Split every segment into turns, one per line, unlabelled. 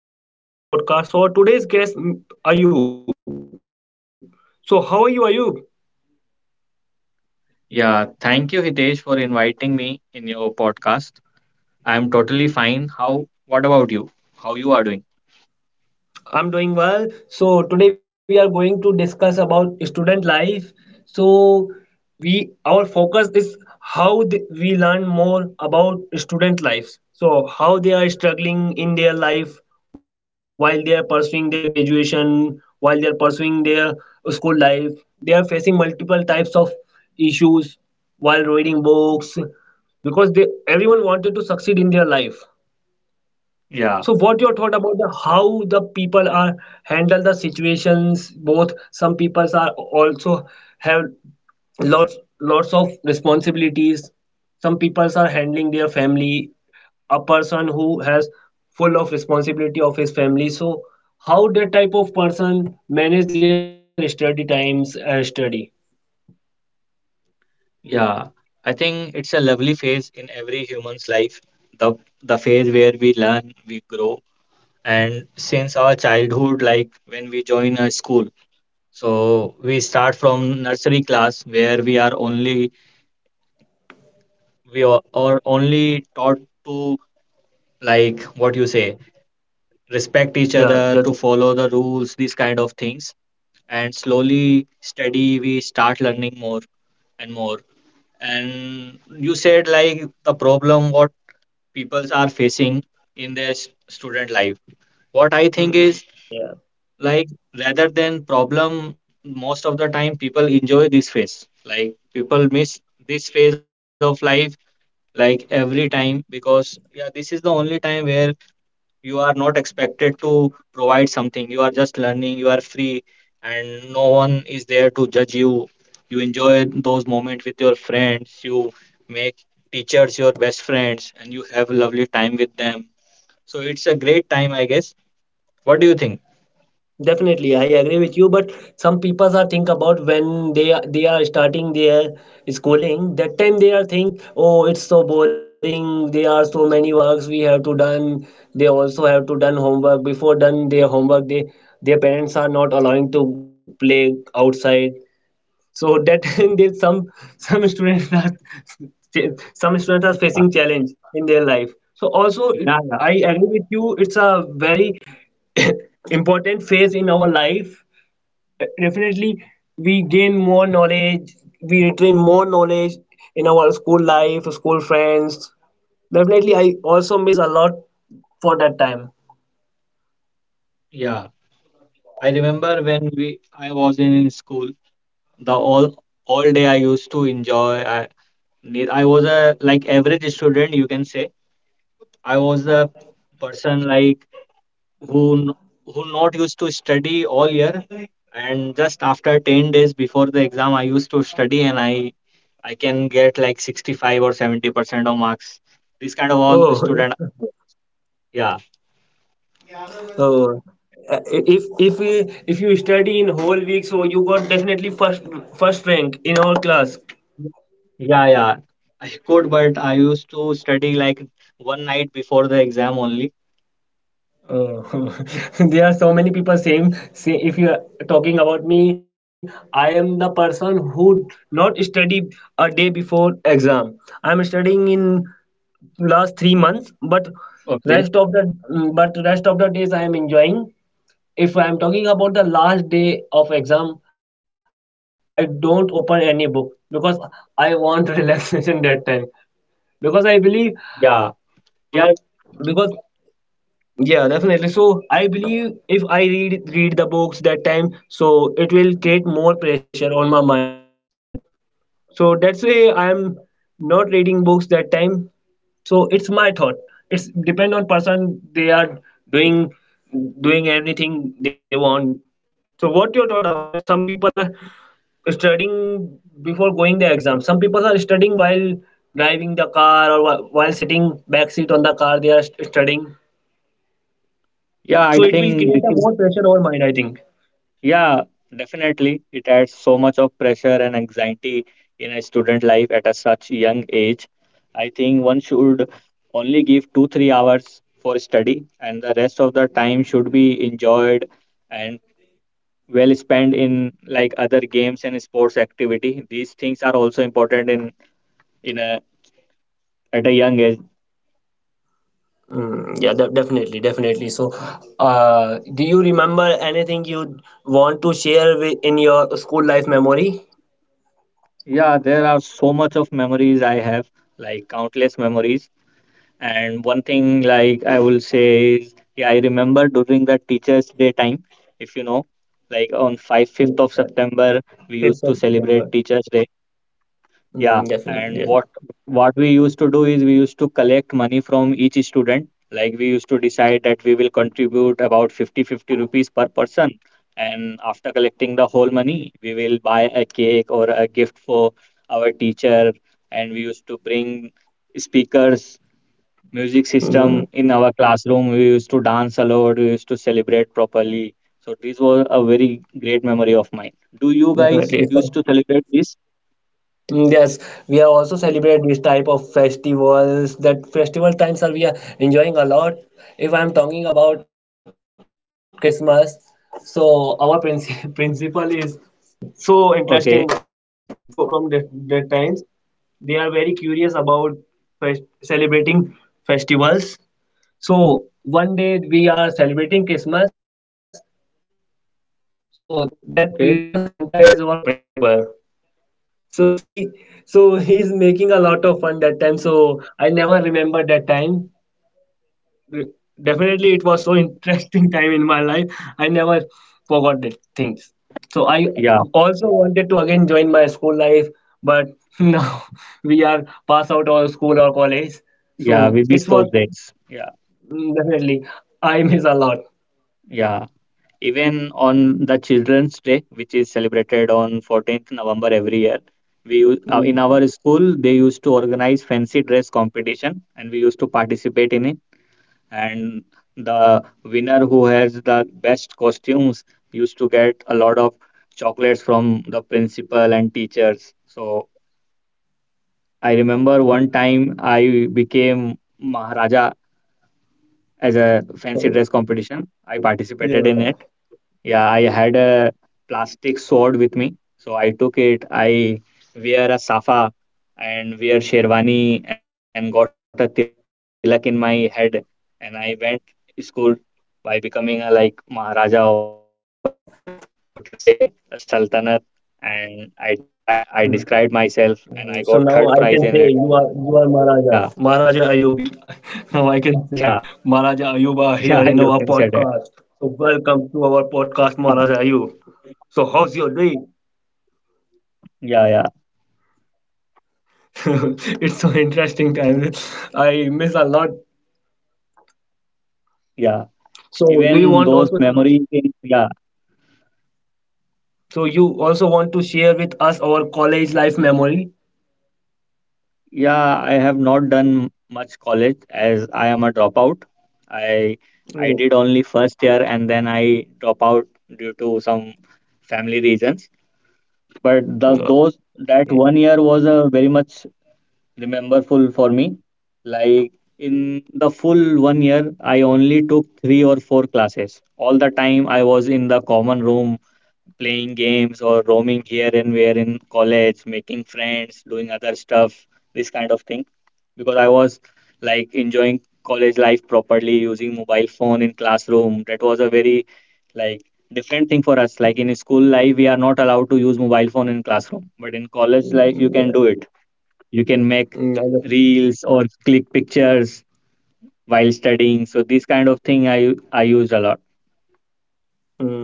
I am Hitesh. I am the host of this podcast. So, our today's guest, Ayub. So, how are you, Ayub?
Yeah, thank you, Hitesh, for inviting me in your podcast. I'm totally fine. What about you? How you are doing?
I'm doing well. So today we are going to discuss about student life. So we our focus is how we learn more about student lives. So how they are struggling in their life while they are pursuing their graduation, while they are pursuing their school life. They are facing multiple types of issues while reading books because they everyone wanted to succeed in their life,
Yeah,
so what your thought about the how the people are handle the situations? Both some people are also have lots of responsibilities. Some people are handling their family. A person who has full of responsibility of his family. So how that type of person manage their study times and study?
yeah. I think it's a lovely phase in every human's life. The the phase where we learn, we grow, and since our childhood, like when we join a school, so we start from nursery class where we are only taught to, like what you say, respect each
Yeah,
other, to
that's.
follow the rules, these kind of things. And slowly, steady, we start learning more and more. And you said like the problem what peoples are facing in their student life. What I think is,
Mm, yeah.
like, rather than problem, most of the time people enjoy this phase. Like, people miss this phase of life like every time because, yeah, this is the only time where you are not expected to provide something, you are just learning, you are free, and no one is there to judge you. You enjoy those moments with your friends. You make teachers your best friends, and you have a lovely time with them. So it's a great time, I guess. What do you think?
Definitely, I agree with you. But some people are think about when they are starting their schooling. That time they are think, oh, it's so boring. There are so many works we have to done. They also have to done homework. Before done their homework, they their parents are not allowing to play outside, so that there's some students are some students
Yeah,
are
yeah,
facing challenge in their life, so also
yeah.
it, I agree with you, it's a very important phase in our life, definitely. We gain more knowledge, we retain more knowledge in our school life, school friends. Definitely I also miss a lot for that time.
Yeah, I remember, when we I was in school. The all all day I used to enjoy. I was a like average student, you can say. I was a person like who n- who not used to study all year, and just after 10 days before the exam, I used to study, and I can get like 65% or 70% of marks. This kind of was
Oh,
student, yeah.
so, uh, if we if you study in whole week, so you got definitely first rank in our class.
Yeah, yeah, I could, but I used to study like one night before the exam only.
Uh, there are so many people saying, say if you are talking about me, I am the person who not study a day before exam. I'm studying in last 3 months, but rest
Okay.
of the but rest of the days I am enjoying. If I'm talking about the last day of exam, I don't open any book because I want relaxation that time because I believe.
Yeah, yeah,
Because, yeah, definitely. So I believe if I read the books that time, so it will create more pressure on my mind, so that's why I'm not reading books that time. So it's my thought, it's depend on person, they are doing doing everything they want. So what your thought about it? Some people are studying before going the exam, some people are studying while driving the car or while sitting back seat on the car they are studying,
yeah. I
so
think
it
this
will
is,
create a more pressure over mind I think.
yeah, definitely. It adds so much of pressure and anxiety in a student life at a such young age. I think one should only give 2, 3 hours for study, and the rest of the time should be enjoyed and well spent in like other games and sports activity. These things are also important in a at a young age.
Mm, yeah, definitely, definitely. So, do you remember anything you want to share with in your school life memory?
Yeah, there are so much of memories I have, like countless memories. And one thing like I will say is, yeah, I remember during the Teachers' Day time. If you know, like on five fifth of
Yeah,
September, we used to
5th of
celebrate
September.
Teachers' Day. Yeah.
Mm,
And
definitely, yes.
what we used to do is, we used to collect money from each student. Like we used to decide that we will contribute about 50 50 rupees per person. And after collecting the whole money, we will buy a cake or a gift for our teacher. And we used to bring speakers, music
Mm,
system in our classroom. We used to dance a lot. We used to celebrate properly. So this was a very great memory of mine. Do you guys
definitely. It was.
used to celebrate this?
Mm, yes, we are also celebrate these type of festivals. That festival times are we are enjoying a lot. If I'm talking about Christmas, so our principal is so
Okay.
interesting from the times. They are very curious about celebrating festivals. So one day we are celebrating Christmas.
Okay.
So that Christmas Santa is our principal. So see, so he's making a lot of fun that time. So I never remember that time. Re- Definitely, it was so interesting time in my life. I never
Yeah.
forgot that things. So I also wanted to again join my school life, but now we are pass out of
Yeah. We
school
miss
or
those
college.
days. Yeah.
So it's what, mm, definitely,
Yeah.
I miss a lot.
Even on the Children's Day, which is celebrated on 14th November every year, in our school they used to organize
Mm,
fancy dress competition, and we used to participate in it. And the winner who has the best costumes used to get a lot of chocolates from the principal and teachers. So I remember one time I became Maharaja. As a fancy dress competition, I participated
so,
in it. Yeah, I
yeah,
had a plastic sword with me, so I took it. I wear a safa and wear sherwani and got a tilak in my head, and I went school by becoming a like Maharaja of a, what you say, a sultanat. And I
mm.
described myself, and I
So
got
now
third
I
prize
can
in
say
it.
you are Maharaja,
Yeah,
Maharaja Ayubi. Now I can
yeah,
say Maharaja Ayuba
yeah. I
here in
often
our
said it.
podcast. So welcome to our
Yeah,
podcast, Maharaja Ayub. So how's your day?
yeah, yeah,
It's so interesting time. I miss a lot.
yeah.
So do you
Even
want
those
also?
memories, yeah.
So you also want to share with us our college life memory?
Yeah, I have not done much college as I am a dropout. I I
Oh,
did only first year and then I drop out due to some family reasons. But the those that
okay.
one year was a very much rememberful for me. Like in the full one year, I only took three or four classes. All the time I was in the common room playing games or roaming here and where in college, making friends, doing other stuff, this kind of thing. Because I was, like, enjoying college life properly, using mobile phone in classroom. That was a very, like, different thing for us. Like in school life, we are not allowed to use mobile phone in classroom, but in college life, you can do
Mm,
it.
yeah.
You can make
Mm, I understand.
reels or click pictures while studying. So this kind of thing I used a lot.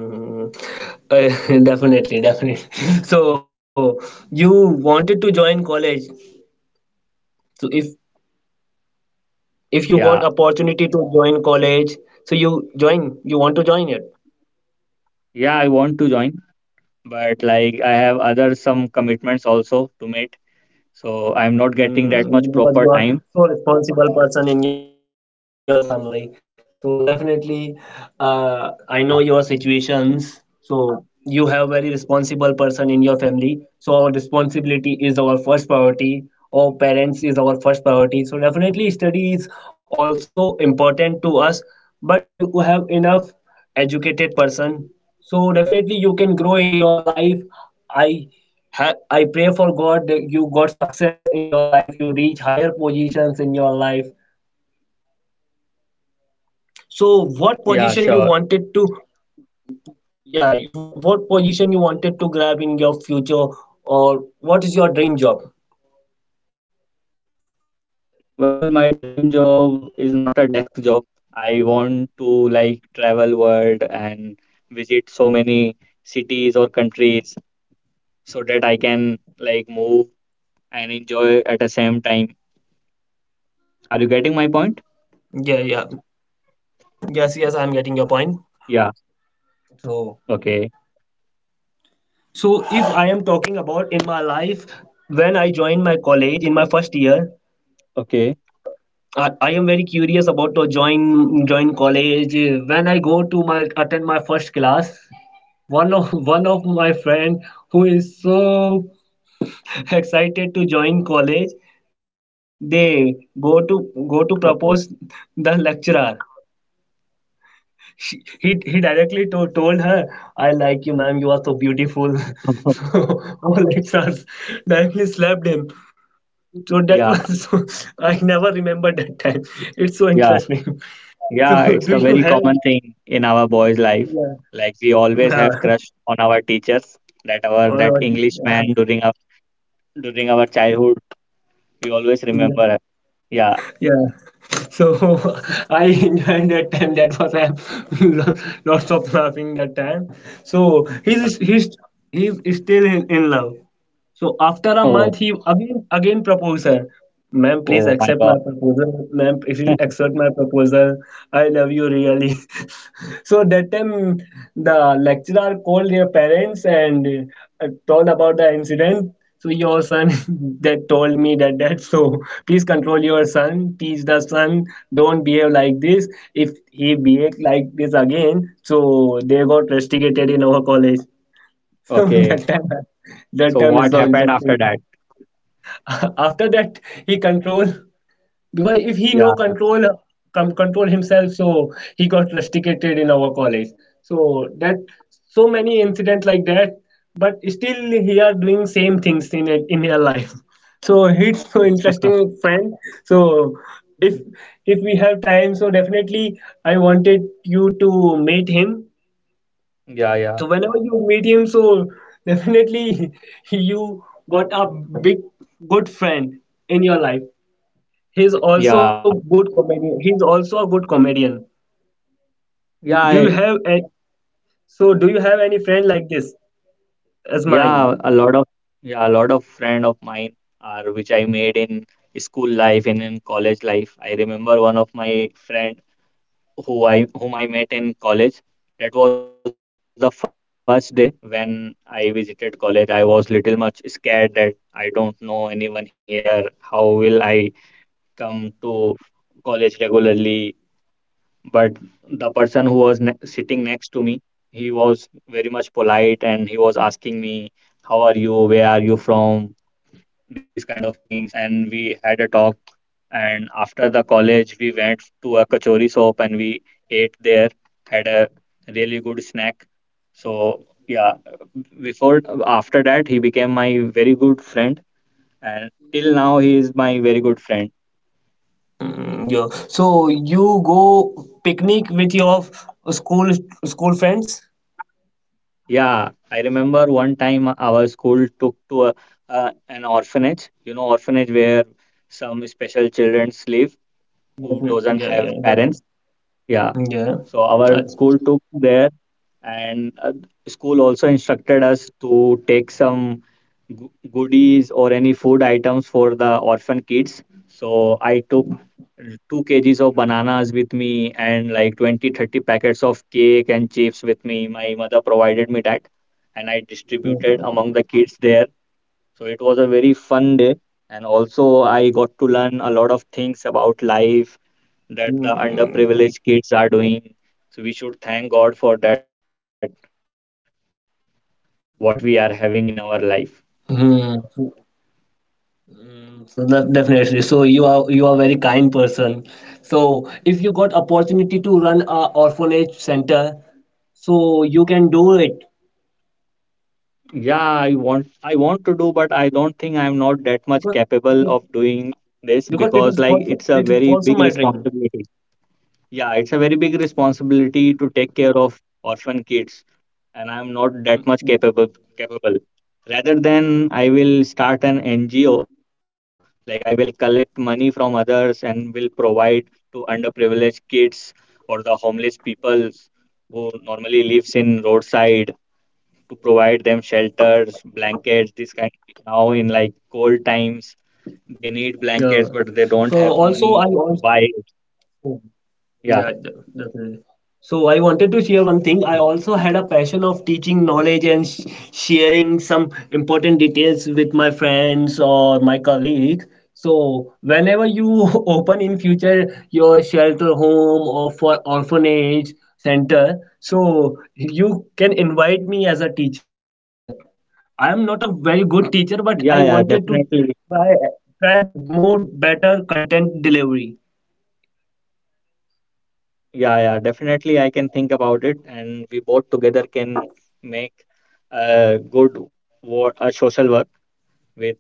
Hmm. uh, definitely, definitely. So you wanted to join college. So if
Yeah.
you got opportunity to join college, so you join, you want to join it.
Yeah, I want to join, but like I have other some commitments also to meet, so I'm not getting that
Mm,
much
because you
proper
are
time.
so responsible person in your family. So definitely,
Yeah, yeah.
I know your situations. So you have very responsible person in your family. So our responsibility is our first priority. Our parents is our first priority. So definitely, study is also important to us. But you have enough educated person. So definitely, you can grow in your life. I I pray for God that you got success in your life, you reach higher positions in your life. So,
Yeah,
what
sure.
position you wanted to, yeah, what position you wanted to grab in your future, or what is your dream job?
Well, my dream job is not a desk job. I want to, like, travel world and visit so many cities or countries so that I can, like, move and enjoy at the same time. Are you getting my point?
Yeah, yeah, yes, yes, I'm getting your point.
Yeah.
So,
Okay.
so if I am talking about in my life, when I joined my college in my first year,
Okay.
I am very curious about to join college. When I go to my attend my first class, one of one of my friend who is so excited to join college, they go to propose
Okay.
the lecturer. She, he directly to, told her, "I like you ma'am, you are so beautiful." So our lecturers directly slapped him. So that was so,
Yeah.
I never remember that time, it's so interesting.
Yeah.
So do
Yeah,
you
it's a
have,
very common thing in our boys'
yeah,
life. Like we always
yeah,
have crush on our teachers. That our
or not,
that English man
yeah.
during our childhood, we always
Yeah.
remember. Yeah,
Yeah. So I enjoyed that time. That was a lots of laughing that time. So
yeah.
he's he's still in love. So after a
Oh,
month, he again proposed her. Ma'am, please
oh my
accept my
God.
proposal. Ma'am, please accept my proposal. I love you really. So that time, the lecturer called their parents and, told about the incident. So your son that told me that that, so please control your son, teach the son, don't behave like this. If he behave like this again, so they got castigated in our college. So
Okay.
that time
So
is so
what happened
interesting.
after that?
After that, he control, because if he no
Yeah.
control, control himself, so he got rusticated in our college. So that so many incident like that, but still he are doing same things in it in her life. So it's so interesting, friend. So if if we have time, so definitely I wanted you to meet him, so
Yeah, yeah,
whenever you meet him, so definitely you got a big good friend in your life. He's also
yeah,
good comedian. He's also a good comedian.
yeah,
Do you have a, so do you have any friend like this as
yeah.
mine?
A lot of yeah, a lot of friend of mine are which I made in school life and in college life. I remember one of my friend, whom I met in college. That was the first day when I visited college. I was little much scared that I don't know anyone here. How will I come to college regularly? But the person who was sitting next to me, he was very much polite and he was asking me, "How are you? Where are you from?" These kind of things, and we had a talk. And after the college, we went to a kachori shop, and we ate there. Had a really good snack. So, yeah, before after that he became my very good friend, and till now he is my very good friend.
Mm, yeah. So you go picnic with your school friends?
Yeah, I remember one time our school took to an orphanage. You know, orphanage where some special children live who doesn't
Definitely.
have
Yeah, yeah,
parents.
definitely.
Yeah.
Yeah.
So our
I-
school took there, and school also instructed us to take some goodies or any food items for the orphan kids. So I took 2 kgs of bananas with me and like 20, 30 packets of cake and chips with me. My mother provided me that, and I distributed among the kids there. So it was a very fun day. And also, I got to learn a lot of things about life that the underprivileged kids are doing. So we should thank God for that what we are having in our life.
Hmm. So that definitely. So you are very kind person. So if you got opportunity to run a orphanage center, so you can do it
Yeah, I want to do, but I don't think I'm not that much capable
because
of
it,
doing this,
because
because
it is
like it's
also
a
it is
very big
also my dream.
responsibility. Yeah, it's a very big responsibility to take care of orphan kids, and I'm not that much capable. Capable. Rather than I will start an NGO, like I will collect money from others and will provide to underprivileged kids or the homeless people who normally lives in roadside, to provide them shelters, blankets, this kind. Now in like cold times, they need
Yeah.
blankets, but they
So
don't have
also I
money
also,
to buy it.
yeah,
Yeah,
definitely. So I wanted to share one thing. I also had a passion of teaching knowledge and sh sharing some important details with my friends or my colleagues. So whenever you open in future your shelter home or for orphanage center, so you can invite me as a teacher. I am not a very good teacher, but I
yeah, yeah,
wanted to
definitely.
try, try more better content delivery.
Yeah, yeah, definitely. I can think about it, and we both together can make a good, what, a social work with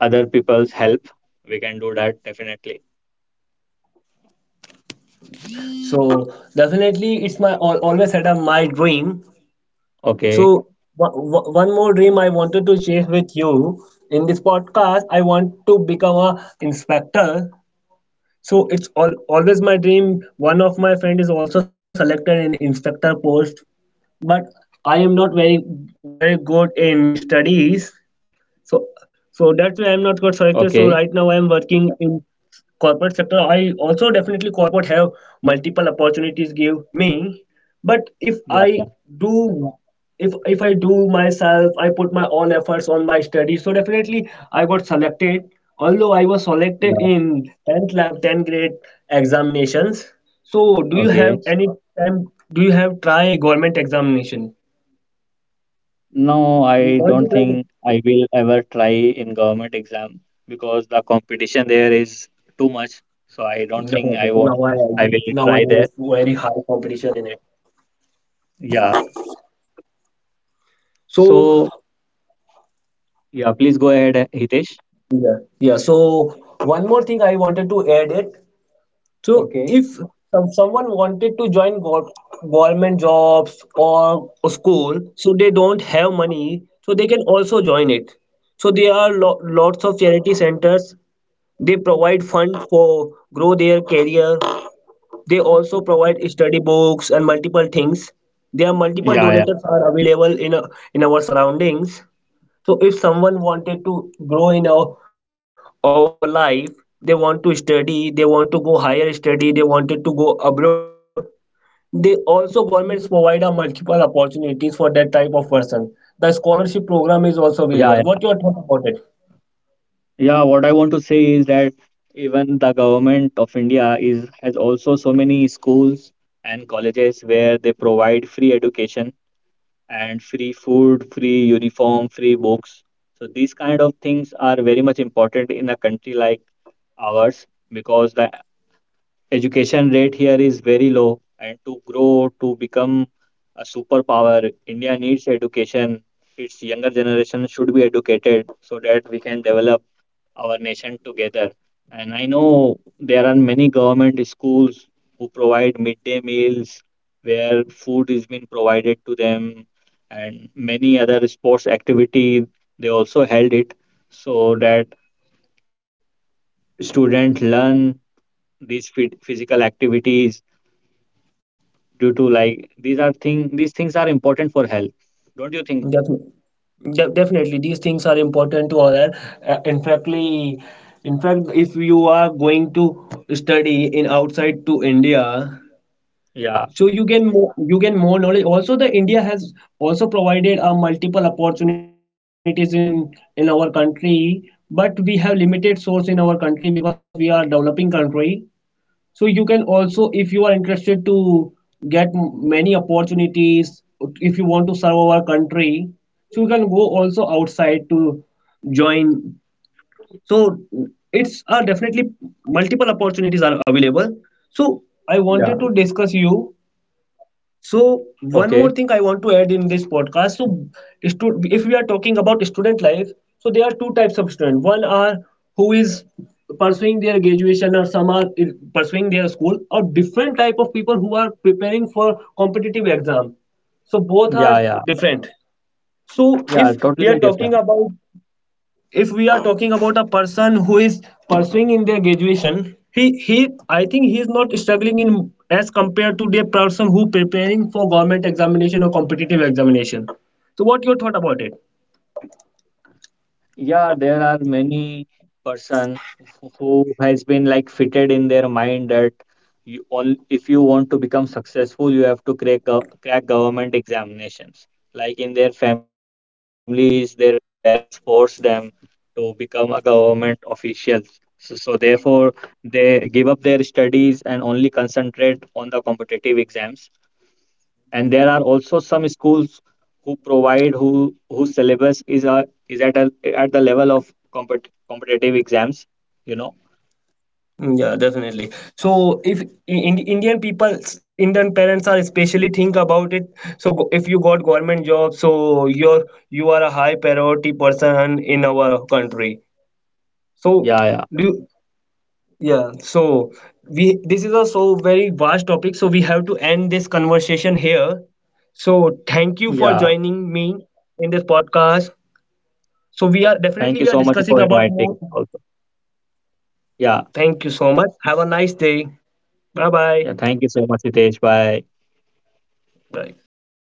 other people's help. We can do that definitely.
So definitely, it's my al always had a my dream. So
Okay,
one more dream I wanted to share with you in this podcast. I want to become a inspector. So it's all always my dream. One of my friend is also selected in inspector post, but I am not very good in studies. So so that's why I'm not got selected. So
okay,
right now I am working in corporate sector. I also, definitely, corporate have multiple opportunities give me, but
yeah, yeah,
do if I do myself, I put my all efforts on my study, so definitely I got selected, although I was selected
yeah,
in 10th lab 10th grade examinations. So do you have
okay.
any time, do you have try government examination,
No,
you
I
want to
don't
crack it?
think I will ever try in government exam because the competition there is too much. So I don't think
Definitely,
I
so
won't.
now I
I will try there.
nowadays very high competition in it.
Yeah.
So
So, yeah, please go ahead, Hitesh.
yeah, yeah. So one more thing I wanted to add it. So
Okay.
if some, someone wanted to join government jobs or school, so they don't have money, so they can also join it. So there are lo lots of charity centers. They provide fund for grow their career. They also provide study books and multiple things. There are
Yeah,
multiple
yeah.
donators are available in a, in our surroundings, so if someone wanted to grow in our life, they want to study, they want to go higher study, they wanted to go abroad, they also governments provide a multiple opportunities for that type of person. The scholarship program
Yeah,
is
yeah.
also available. What your thought about it?
Yeah, what I want to say is that even the government of India is has also so many schools and colleges where they provide free education and free food, free uniform, free books. So these kind of things are very much important in a country like ours because the education rate here is very low, and to grow to become a superpower, India needs education. Its younger generation should be educated so that we can develop our nation together. And I know there are many government schools who provide midday meals where food is being provided to them, and many other sports activity they also held it so that students learn these physical activities due to like these things are important for health. Don't you think?
Definitely. Definitely these things are important to all that, in factly, in fact if you are going to study in outside to India,
Yeah,
so you gain more knowledge. Also the India has also provided, multiple opportunities in our country, but we have limited source in our country because we are a developing country. So you can also, if you are interested to get many opportunities, if you want to serve our country, so you can go also outside to join. So it's, definitely multiple opportunities are available, so I
yeah.
wanted to discuss you. So
Okay.
one more thing I want to add in this podcast. So if we are talking about student life, so there are two types of student. One are who is pursuing their graduation, or some are pursuing their school, or different type of people who are preparing for competitive exam, so both
Yeah,
are
yeah,
different. So
yeah,
if
totally
we are
different.
talking about if we are talking about a person who is pursuing in their graduation, he I think he is not struggling in as compared to the person who preparing for government examination or competitive examination. So what your thought about it?
Yeah, there are many person who has been like fitted in their mind that you on if you want to become successful, you have to crack government examinations. Like in their families, their parents force them to become a government official. So therefore, they give up their studies and only concentrate on the competitive exams. And there are also some schools who provide who whose syllabus is a is at a, at the level of competitive exams you know
Yeah, definitely. So if in, Indian people, Indian parents are especially think about it. So if you got government job, so you're you are a high priority person in our country.
yeah,
So
yeah,
do, yeah, so we this is a so very vast topic, so we have to end this conversation here. So thank you for
yeah,
joining me in this podcast. So we are
thank
definitely
you
we are
so much
discussing
for
about
inviting
more.
also. Yeah,
Thank you so much. Have a nice day. Bye bye.
yeah, thank you so much, Hitesh. Bye.
Bye.